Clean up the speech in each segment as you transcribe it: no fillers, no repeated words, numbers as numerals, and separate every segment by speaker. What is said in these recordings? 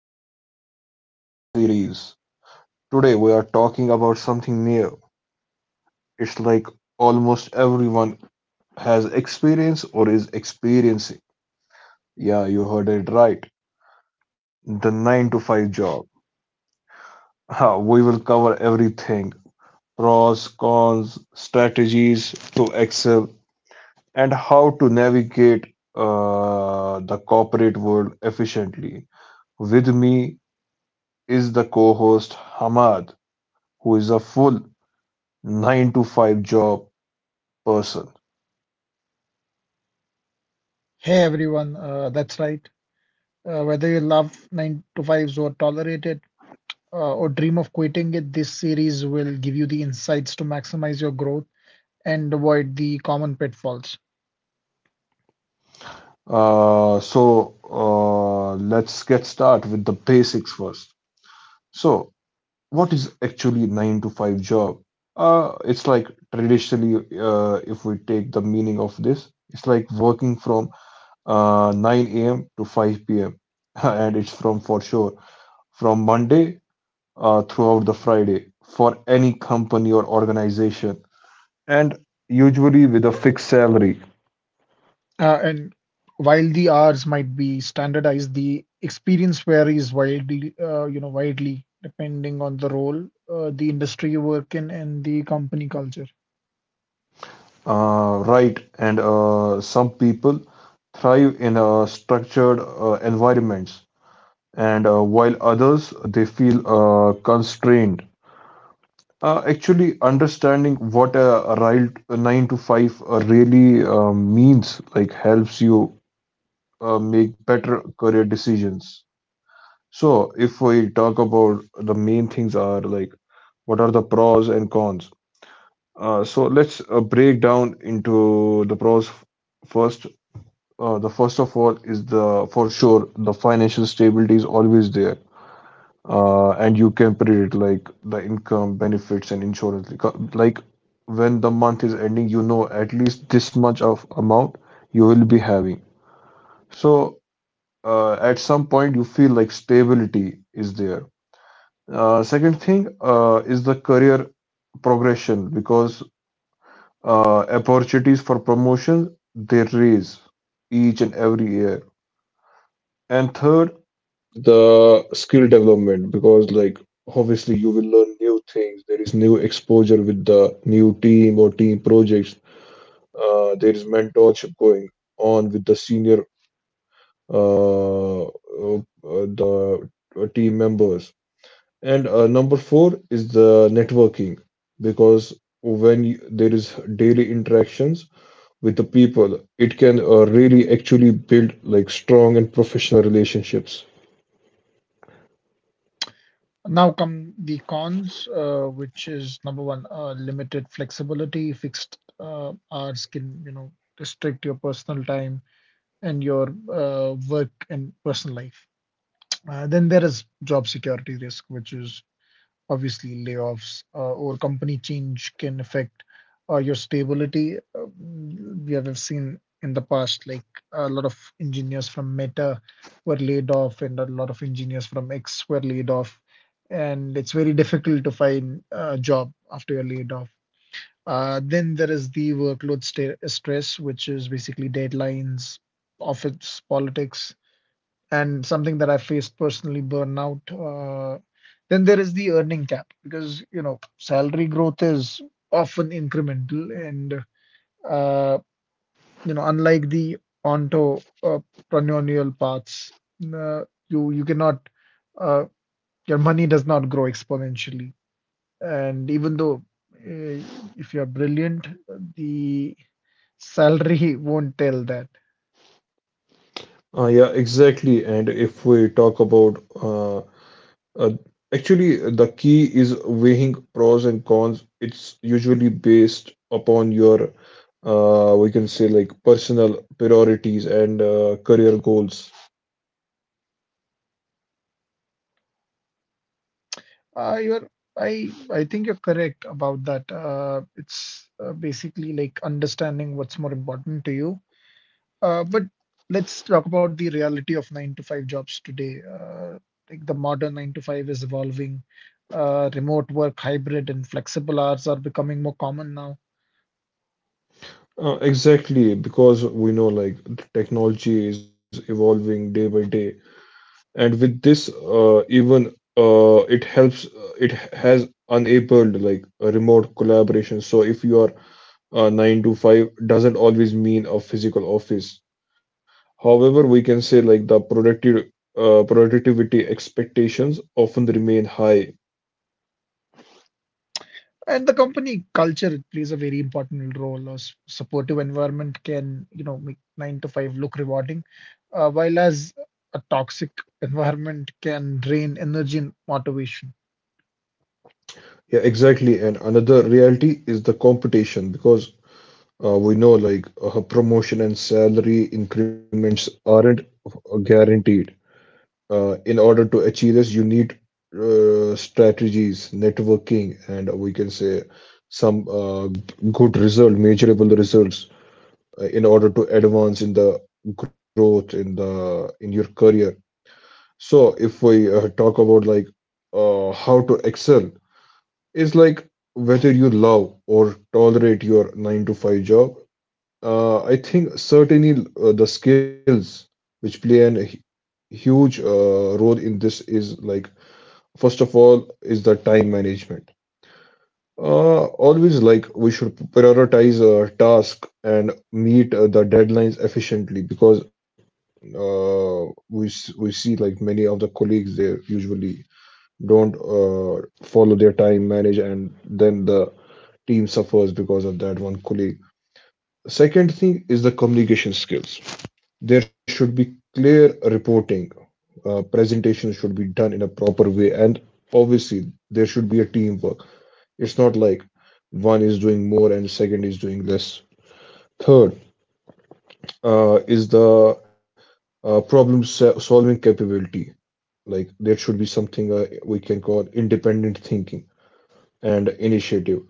Speaker 1: back to brand new series. Today we are talking about something new. It's like almost everyone has experienced or is experiencing. Yeah, you heard it right. The 9 to 5 job. Ha, we will cover everything: pros, cons, strategies to excel, and how to navigate the corporate world efficiently. With me is the co host Hamad, who is a full nine to five job person.
Speaker 2: Hey everyone, that's right. Whether you love 9 to 5s or tolerate it or dream of quitting it, this series will give you the insights to maximize your growth and avoid the common pitfalls.
Speaker 1: Let's get start with the basics first. So what is actually nine to five job? It's like traditionally, if we take the meaning of this, it's like working from 9 a.m. to 5 p.m. and it's from for sure from Monday throughout the Friday for any company or organization, and usually with a fixed salary.
Speaker 2: And while the hours might be standardized, the experience varies widely, you know, widely depending on the role, the industry you work in, and the company culture.
Speaker 1: Right, and some people thrive in structured environments, and while others they feel constrained. Actually, understanding what a right a nine to five really means, like, helps you make better career decisions. So, if we talk about, the main things are like, what are the pros and cons? Let's break down into the pros first. The first of all is the for sure the financial stability is always there, and you can predict like the income, benefits, and insurance. Like, when the month is ending, you know at least this much of amount you will be having. So at some point you feel like stability is there. Second thing is the career progression because opportunities for promotion they raise each and every year. And third, the skill development because like obviously you will learn new things. There is new exposure with the new team or team projects. There is mentorship going on with the senior the team members. And number four is the networking because when you, there is daily interactions with the people it can really actually build like strong and professional relationships.
Speaker 2: Now come the cons, which is number one, limited flexibility, fixed hours can, you know, restrict your personal time and your work and personal life. Then there is job security risk, which is obviously layoffs or company change can affect your stability. We have seen in the past, like a lot of engineers from Meta were laid off, and a lot of engineers from X were laid off. And it's very difficult to find a job after you're laid off. Then there is the workload sta stress, which is basically deadlines, office politics, and something that I faced personally, burnout. Then there is the earning cap because you know salary growth is often incremental, and uh, you know unlike the entrepreneurial paths, uh, you cannot uh, your money does not grow exponentially, and even though uh, if you're brilliant, the salary won't tell that.
Speaker 1: Yeah, exactly. And if we talk about uh, actually, the key is weighing pros and cons. It's usually based upon your, we can say, like personal priorities and career goals.
Speaker 2: Uh, you're, I think you're correct about that. It's basically like understanding what's more important to you. But let's talk about the reality of nine to five jobs today. Like the modern nine to five is evolving. Remote work, hybrid, and flexible hours are becoming more common now.
Speaker 1: Exactly, because we know like the technology is evolving day by day, and with this, even it helps. It has enabled like a remote collaboration. So if you are 9 to 5 doesn't always mean a physical office. However, we can say like the productive productivity expectations often remain high.
Speaker 2: And the company culture, it plays a very important role. A supportive environment can, you know, make nine to five look rewarding, while as a toxic environment can drain energy and motivation.
Speaker 1: Yeah, exactly. And another reality is the competition because we know like promotion and salary increments aren't guaranteed. In order to achieve this, you need strategies, networking, and we can say some good result, measurable results in order to advance in the growth in your career. So if we talk about like how to excel is like whether you love or tolerate your 9 to 5 job. I think certainly the skills which play an huge role in this is like first of all is the time management. Always like we should prioritize a task and meet the deadlines efficiently because we see like many of the colleagues they usually don't follow their time manage and then the team suffers because of that one colleague. Second thing is the communication skills. There should be clear reporting. Presentation should be done in a proper way and obviously there should be a teamwork. It's not like one is doing more and second is doing less. Third, is the problem solving capability, like there should be something we can call independent thinking and initiative.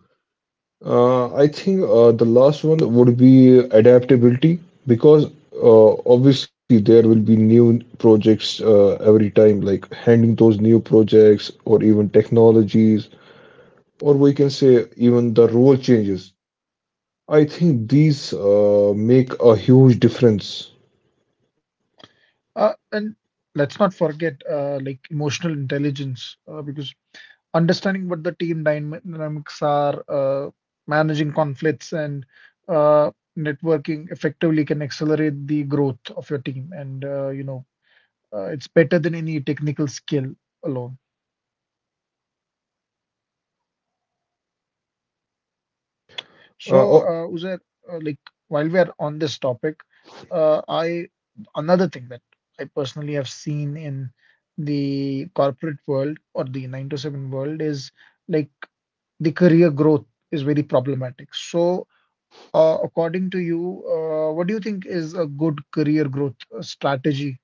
Speaker 1: I think the last one would be adaptability because obviously there will be new projects every time like handling those new projects or even technologies, or we can say even the role changes. I think these make a huge difference
Speaker 2: And let's not forget, like emotional intelligence, because understanding what the team dynamics are, managing conflicts, and uh, networking effectively can accelerate the growth of your team and, you know, it's better than any technical skill alone. So,
Speaker 1: uh,
Speaker 2: Uzair, like while we are on this topic, I another thing that I personally have seen in the corporate world or the nine to seven world is like the career growth is very problematic. So, according to you, what do you think is a good career growth strategy?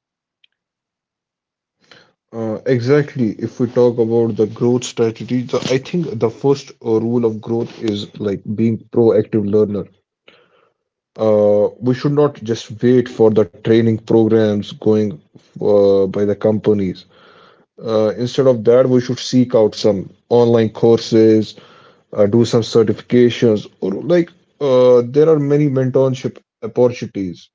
Speaker 1: Exactly. If we talk about the growth strategy, so I think the first rule of growth is like being proactive learner. We should not just wait for the training programs going by the companies. Instead of that, we should seek out some online courses, do some certifications, or like there are many mentorship opportunities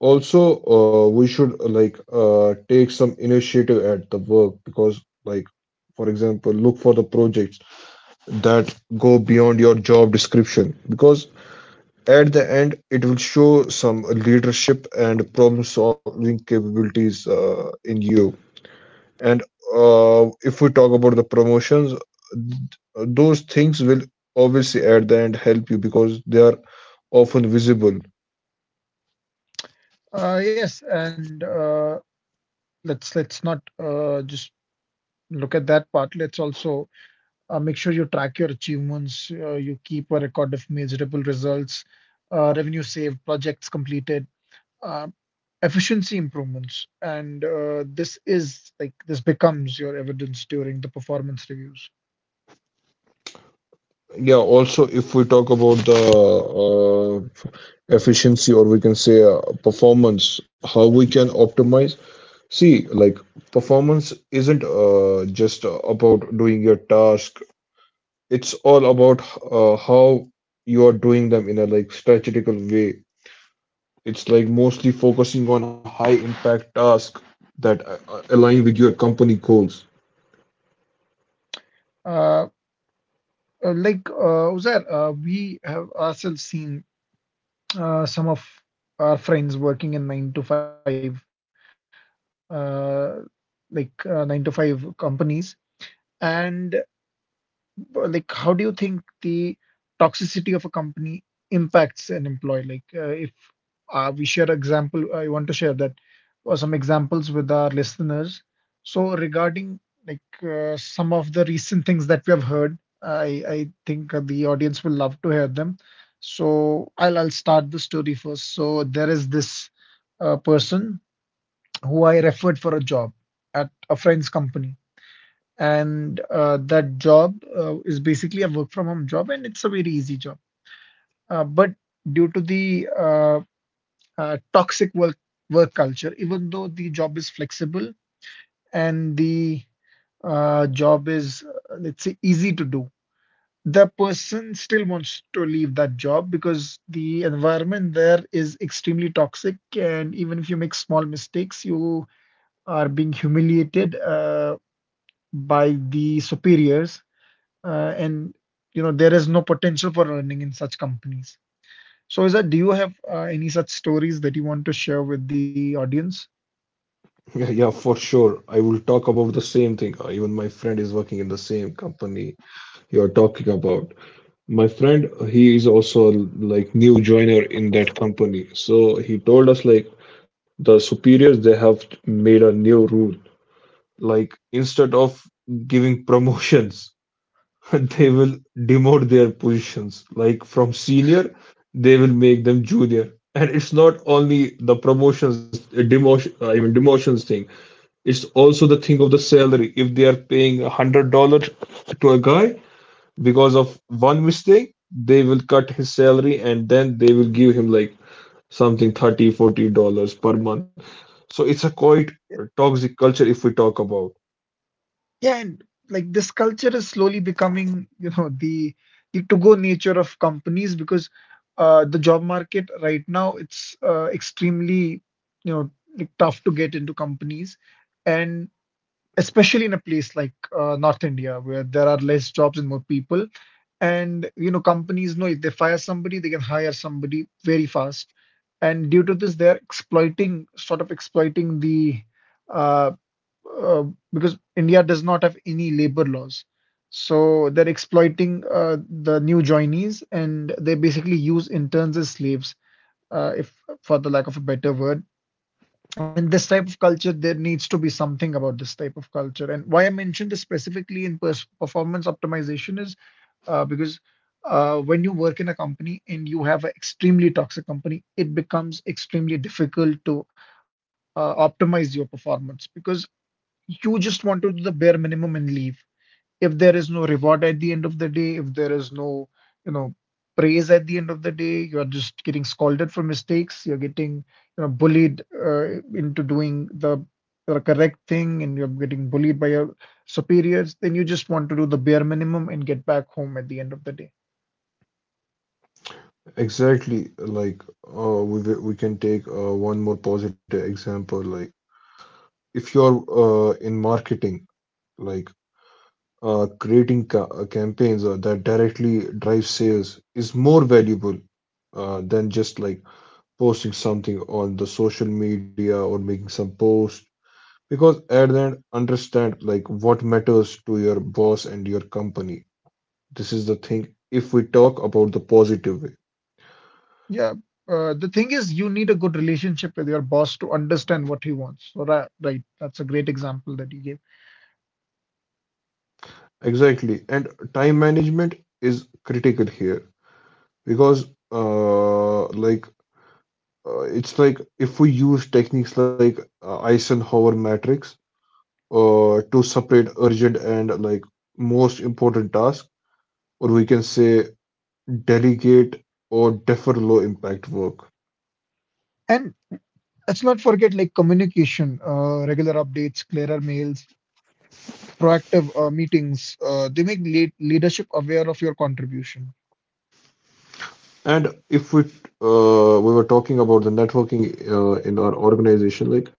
Speaker 1: also. We should take some initiative at the work because, like, for example, look for the projects that go beyond your job description because at the end it will show some leadership and problem-solving capabilities in you. And if we talk about the promotions, th- those things will obviously at the end help you because they are often visible.
Speaker 2: Yes, and let's not just look at that part. Let's also make sure you track your achievements, you keep a record of measurable results, revenue saved, projects completed, uh, efficiency improvements. And this is like this becomes your evidence during the performance reviews.
Speaker 1: Yeah, also, if we talk about the uh, efficiency or we can say performance, how we can optimize. See, like performance isn't just about doing your task, it's all about how you are doing them in a like strategical way. It's like mostly focusing on high impact tasks that align with your company goals.
Speaker 2: Uh, like Uzair, we have ourselves seen some of our friends working in nine to five, uh, like nine to five companies. And like how do you think the toxicity of a company impacts an employee? Like if we share example, I want to share that or some examples with our listeners. So regarding like some of the recent things that we have heard, I think the audience will love to hear them. So I'll start the story first. So there is this person who I referred for a job at a friend's company and that job is basically a work from home job and it's a very easy job but due to the toxic work culture even though the job is flexible and the job is let's say easy to do, the person still wants to leave that job because the environment there is extremely toxic and even if you make small mistakes you are being humiliated by the superiors and you know there is no potential for earning in such companies. So, Izzat, do you have any such stories that you want to share with the audience?
Speaker 1: Yeah, yeah, for sure. I will talk about the same thing. Even my friend is working in the same company You're talking about. My friend, he is also like new joiner in that company. So he told us like the superiors they have made a new rule. Like instead of giving promotions, they will demote their positions. Like from senior, they will make them junior. And it's not only the promotions, demotion, I mean demotions thing. It's also the thing of the salary. If they are paying $100 to a guy, because of one mistake they will cut his salary and then they will give him like something 30, $40 per month. So it's a quite toxic culture if we talk about.
Speaker 2: Yeah, and like this culture is slowly becoming, you know, the to-go nature of companies because the job market right now it's extremely, you know, like tough to get into companies, and especially in a place like North India where there are less jobs and more people. And you know, companies know if they fire somebody, they can hire somebody very fast. And due to this, they're exploiting, sort of exploiting the uh, uh, because India does not have any labor laws. So they're exploiting the new joinees and they basically use interns as slaves, if for the lack of a better word. And this type of culture, there needs to be something about this type of culture. And why I mentioned this specifically in performance optimization is because when you work in a company and you have an extremely toxic company, it becomes extremely difficult to optimize your performance because you just want to do the bare minimum and leave. If there is no reward at the end of the day, if there is no, you know, praise at the end of the day, you're just getting scolded for mistakes, you're getting, you know, bullied into doing the correct thing, and you're getting bullied by your superiors, then you just want to do the bare minimum and get back home at the end of the day.
Speaker 1: Exactly. Like we can take one more positive example. Like if you're in marketing, like creating ca campaigns that directly drive sales is more valuable than just like posting something on the social media or making some post. Because at the end, understand like what matters to your boss and your company. This is the thing if we talk about the positive way.
Speaker 2: Yeah. The thing is, you need a good relationship with your boss to understand what he wants. So that, right, that's a great example that you gave.
Speaker 1: Exactly. And time management is critical here because uh like it's like if we use techniques like Eisenhower matrix to separate urgent and like most important tasks, or we can say delegate or defer low impact work.
Speaker 2: And let's not forget like communication, regular updates, clearer mails, proactive meetings. They make leadership aware of your contribution.
Speaker 1: And if we were talking about the networking in our organization, like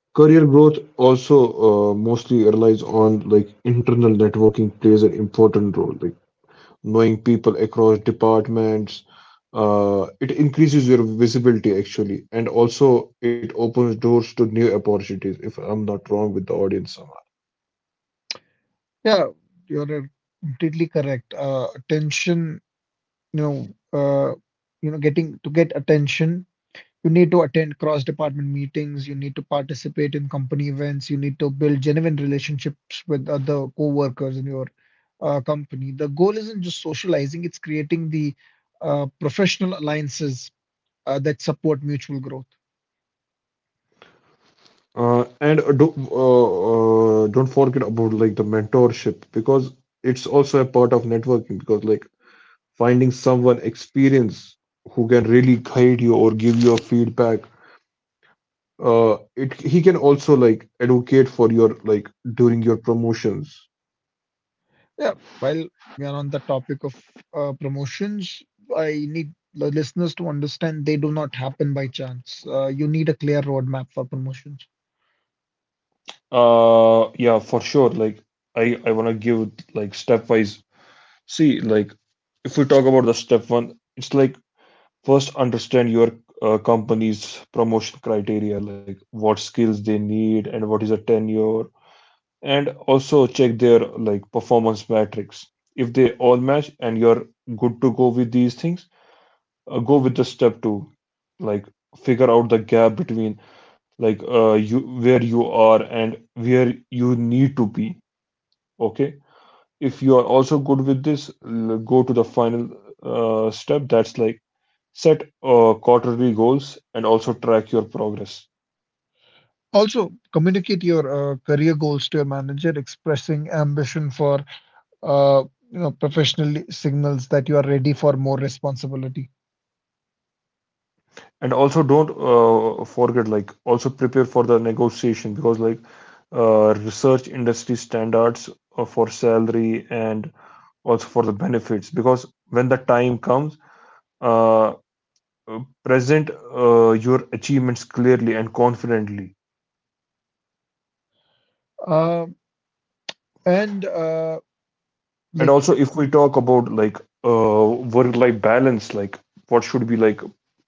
Speaker 1: career growth also mostly relies on like internal networking plays an important role, like knowing people across departments. It increases your visibility actually, and also it opens doors to new opportunities. If I'm not wrong with the audience,
Speaker 2: Yeah, you're completely correct. Attention, you know, uh, you know, getting to get attention. You need to attend cross-department meetings, you need to participate in company events, you need to build genuine relationships with other co-workers in your company. The goal isn't just socializing, it's creating the professional alliances that support mutual growth.
Speaker 1: and don't forget about like the mentorship because it's also a part of networking because like finding someone experienced who can really guide you or give you a feedback. It he can also like advocate for your like during your promotions.
Speaker 2: Yeah, while we are on the topic of promotions, I need the listeners to understand they do not happen by chance. You need a clear roadmap for promotions.
Speaker 1: Yeah, for sure, like I want to give like stepwise. See, like if we talk about the step one, it's like first understand your company's promotion criteria like what skills they need and what is a tenure and also check their like performance metrics. If they all match and you're good to go with these things, go with the step two. Like figure out the gap between you where you are and where you need to be. Okay. If you are also good with this, go to the final step. That's like set quarterly goals and also track your progress.
Speaker 2: Also, communicate your career goals to your manager. Expressing ambition for uh, you know professionally signals that you are ready for more responsibility.
Speaker 1: And also don't forget like also prepare for the negotiation because like research industry standards for salary and also for the benefits because when the time comes uh, present your achievements clearly and confidently.
Speaker 2: Uh, and
Speaker 1: And
Speaker 2: like
Speaker 1: also if we talk about like uh, work life balance, like what should be like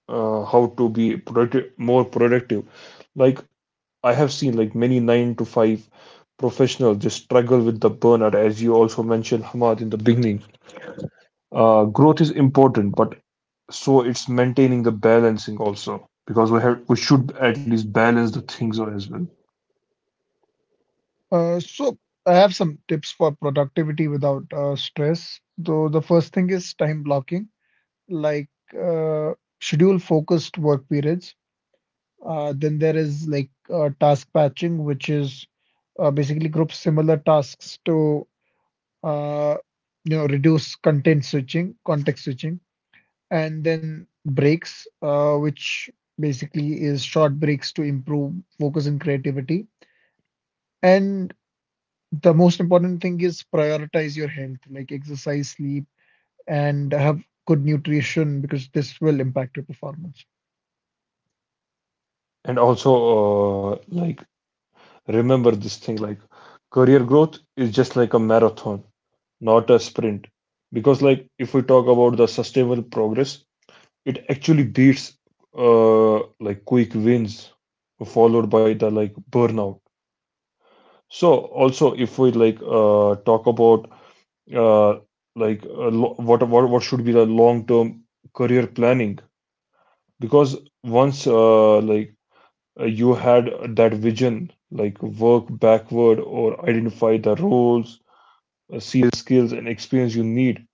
Speaker 1: how to be productive more productive. Like I have seen like many 9 to 5 professionals just struggle with the burnout as you also mentioned Hamad in the beginning. Growth is important but so it's maintaining the balancing also because we should at least balance the things as well.
Speaker 2: so, I have some tips for productivity without stress. So the first thing is time blocking, like uh, schedule focused work periods. Then there is like task patching, which is basically group similar tasks to uh, you know, reduce context switching, and then breaks, which basically is short breaks to improve focus and creativity. And the most important thing is prioritize your health, like exercise, sleep, and have good nutrition because this will impact your performance.
Speaker 1: And also like remember this thing like career growth is just like a marathon, not a sprint. Because, like, if we talk about the sustainable progress, it actually beats like quick wins followed by the like burnout. So, also, if we talk about uh, what should be the long term career planning, because once you had that vision, like work backward or identify the roles, see the skills and experience you need.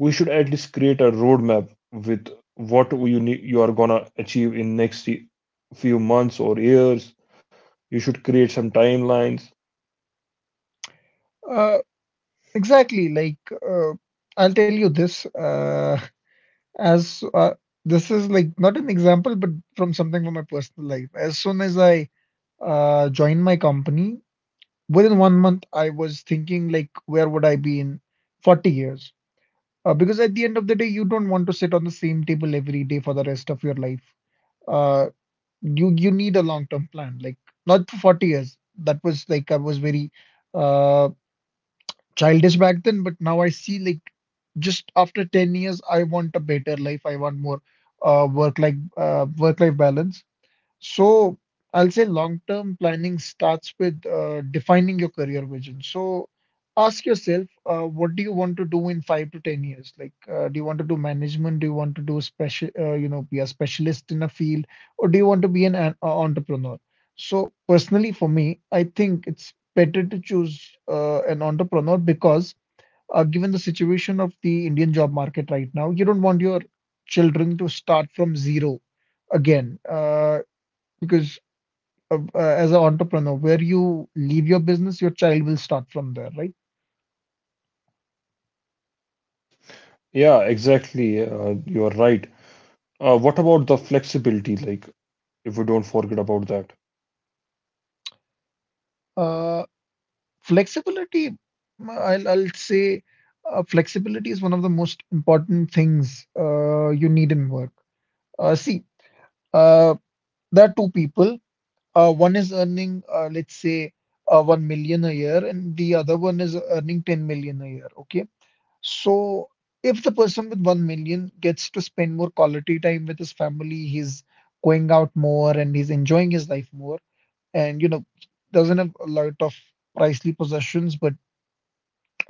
Speaker 1: We should at least create a roadmap with what you need you are gonna achieve in few months or years. You should create some timelines.
Speaker 2: Uh, exactly. Like, uh, I'll tell you this, as this is like not an example, but from something from my personal life. As soon as I joined my company, within 1 month, I was thinking like, where would I be in 40 years? Because at the end of the day, you don't want to sit on the same table every day for the rest of your life. Uh, you need a long-term plan, like not for 40 years. That was like I was very uh, childish back then, but now I see like just after 10 years, I want a better life. I want more work-life balance. So I'll say long-term planning starts with defining your career vision. So ask yourself, what do you want to do in 5 to 10 years? Like, do you want to do management? Do you want to do special, you know, be a specialist in a field, or do you want to be an entrepreneur? So personally, for me, I think it's better to choose an entrepreneur because, given the situation of the Indian job market right now, you don't want your children to start from zero again. Because as an entrepreneur, where you leave your business, your child will start from there, right?
Speaker 1: Yeah, exactly. You are right. What about the flexibility? Like, if we don't forget about that.
Speaker 2: Uh, flexibility, mm, I'll say flexibility is one of the most important things you need in work. See, uh, there are two people. One is earning, let's say, 1 million a year, and the other one is earning 10 million a year. Okay. So, if the person with 1 million gets to spend more quality time with his family, he's going out more and he's enjoying his life more, and you know, doesn't have a lot of pricely possessions, but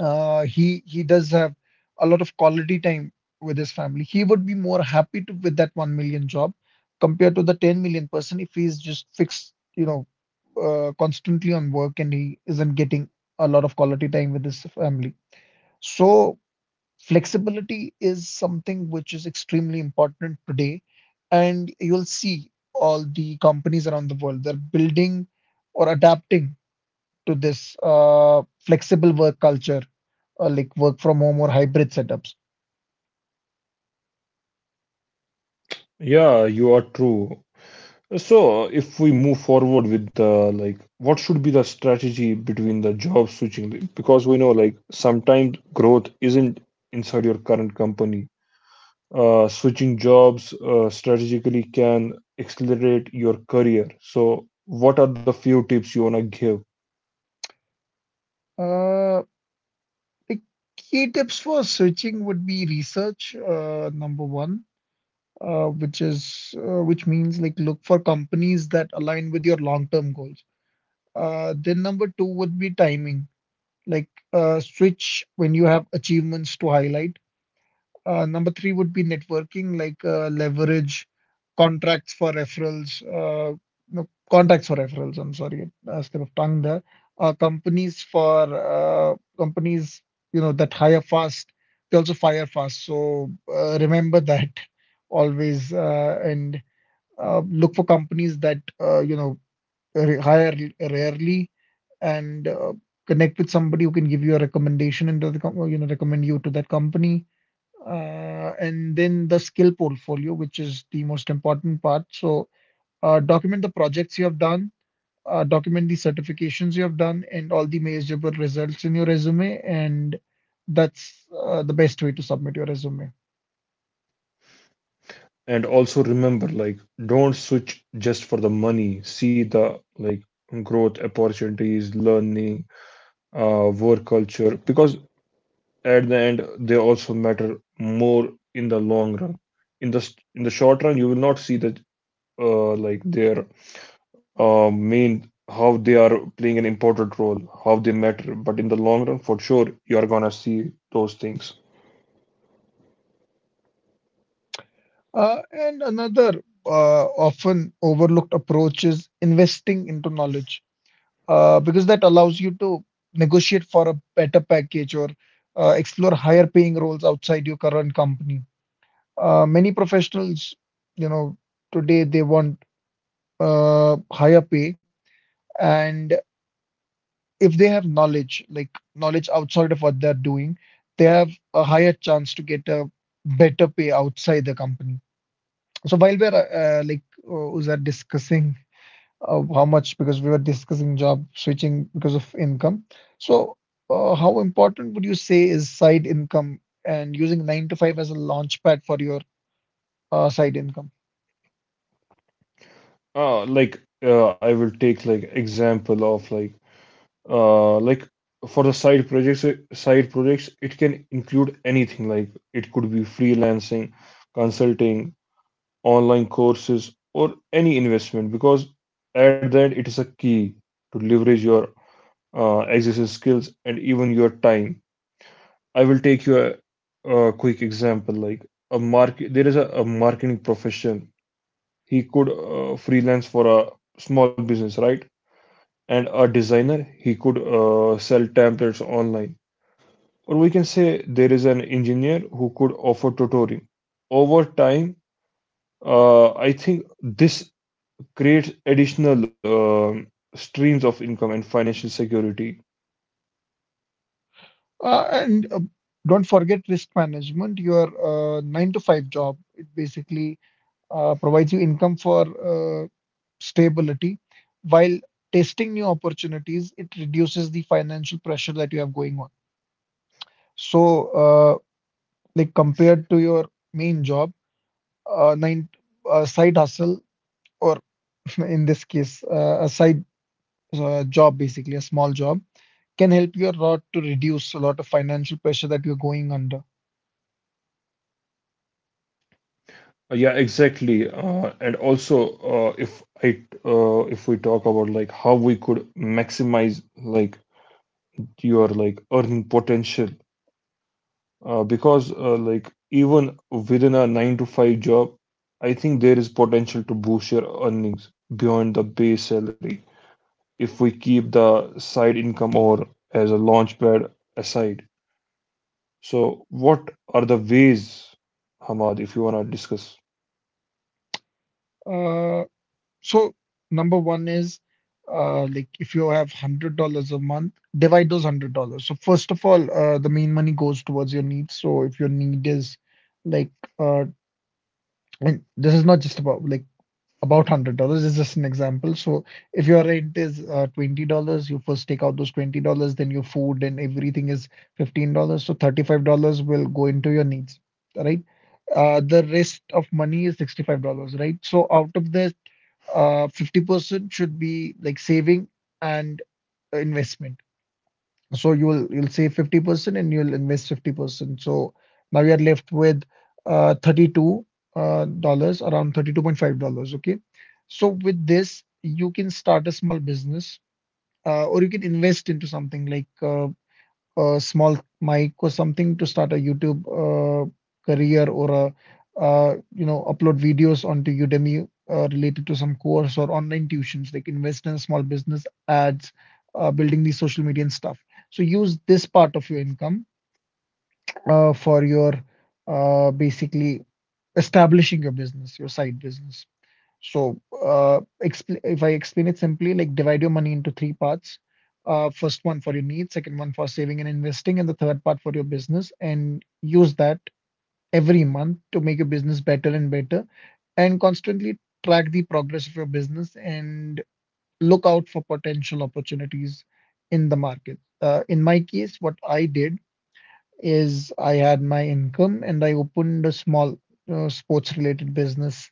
Speaker 2: he does have a lot of quality time with his family. He would be more happy with that 1 million job compared to the 10 million person if he's just fixed, constantly on work and he isn't getting a lot of quality time with his family. So flexibility is something which is extremely important today, and you'll see all the companies around the world they're building or adapting to this flexible work culture, like work from home or hybrid setups.
Speaker 1: Yeah, you are true. So, if we move forward with the, what should be the strategy between the job switching? Because we know like sometimes growth isn't inside your current company. Switching jobs strategically can accelerate your career. So, what are the few tips you want to give?
Speaker 2: Uh, the key tips for switching would be research, number one, which means like look for companies that align with your long-term goals. Then number two would be timing. Like switch when you have achievements to highlight. Number three would be networking, like leverage contracts for referrals, no, contacts for referrals. I'm sorry, a slip of tongue there. Companies for companies, you know, that hire fast, they also fire fast. So remember that always, and look for companies that you know hire rarely and connect with somebody who can give you a recommendation and you know recommend you to that company. And then the skill portfolio, which is the most important part. So document the projects you have done, document the certifications you have done, and all the measurable results in your resume. And that's the best way to submit your resume.
Speaker 1: And also remember, like, don't switch just for the money. See the like growth opportunities, learning, work culture, because at the end they also matter more in the long run. In the short run, you will not see that like their mean how they are playing an important role, how they matter. But in the long run, for sure, you're gonna see those things.
Speaker 2: And another often overlooked approach is investing into knowledge. Because that allows you to negotiate for a better package or explore higher paying roles outside your current company. Many professionals, you know, today they want higher pay, and if they have knowledge, like knowledge outside of what they're doing, they have a higher chance to get a better pay outside the company. So while we're like was that discussing how much because we were discussing job switching because of income. So, how important would you say is side income and using 9 to 5 as a launch pad for your side income?
Speaker 1: I will take like example of uh like for the side projects. Side projects it can include anything like it could be freelancing, consulting, online courses, or any investment, because at that it is a key to leverage your existing skills and even your time. I will take you a quick example. Like there is a marketing profession. He could freelance for a small business, right? And a designer, he could sell templates online. Or we can say there is an engineer who could offer tutoring. Over time, I think this creates additional um streams of income and financial security.
Speaker 2: And Don't forget risk management. Your 9 to 5 job it basically provides you income for stability, while testing new opportunities it reduces the financial pressure that you have going on. So, like compared to your main job nine side hustle or in this case a side job basically a small job can help you a lot to reduce a lot of financial pressure that you're going under.
Speaker 1: Yeah, exactly. And also, if we talk about like how we could maximize like your like earning potential, because like even within a 9 to 5 job, I think there is potential to boost your earnings beyond the base salary if we keep the side income or as a launchpad aside. So, what are the ways, Hamad, if you wanna discuss?
Speaker 2: Uh, so number one is like if you have $100 a month, divide those $100. So first of all, the main money goes towards your needs. So if your need is like uh, and this is not just about like about $100 is just an example. So if your rent is $20, you first take out those $20, then your food and everything is $15. So $35 will go into your needs, right? The rest of money is $65, right? So out of that, 50% should be like saving and investment. So you'll save 50% and you'll invest 50%. So now you are left with uh, 32 uh, dollars, around 32.5 dollars. Okay. So with this, you can start a small business or you can invest into something like a small mic or something to start a YouTube career or a you know upload videos onto Udemy related to some course or online tuitions. They can invest in small business ads, building the social media and stuff. So use this part of your income for your basically establishing your business, your side business. So, expl if I explain it simply, like divide your money into three parts. First one for your needs, second one for saving and investing, and the third part for your business. And use that every month to make your business better and better, and constantly track the progress of your business and look out for potential opportunities in the market. In my case, what I did is I had my income and I opened a small sports related business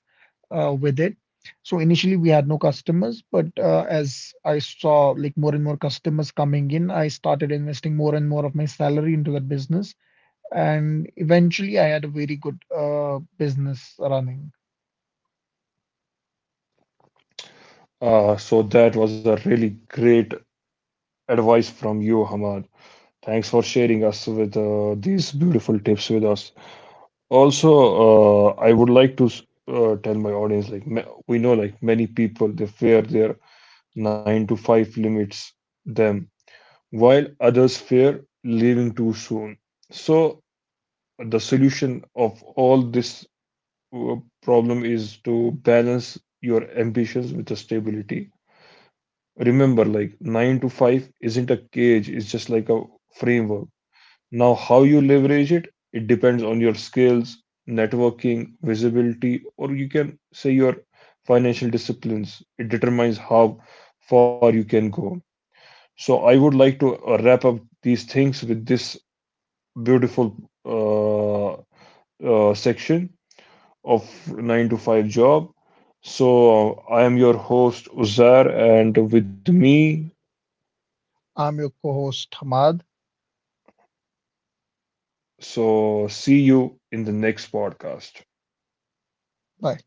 Speaker 2: with it. So initially we had no customers, but as I saw like more and more customers coming in, I started investing more and more of my salary into that business, and eventually I had a very good business running.
Speaker 1: So that was a really great advice from you, Hamad. Thanks for sharing us with these beautiful tips with us. Also, I would like to tell my audience like we know like many people they fear their 9 to 5 limits them, while others fear leaving too soon. So the solution of all this uh, problem is to balance your ambitions with the stability. Remember like 9 to 5 isn't a cage, it's just like a framework. Now, how you leverage it, it depends on your skills, networking, visibility, or you can say your financial disciplines. It determines how far you can go. So, I would like to wrap up these things with this beautiful uh, section of 9 to 5 job. So, I am your host, Uzar, and with me,
Speaker 2: I'm your co-host Hamad.
Speaker 1: so see you in the next podcast.
Speaker 2: Bye.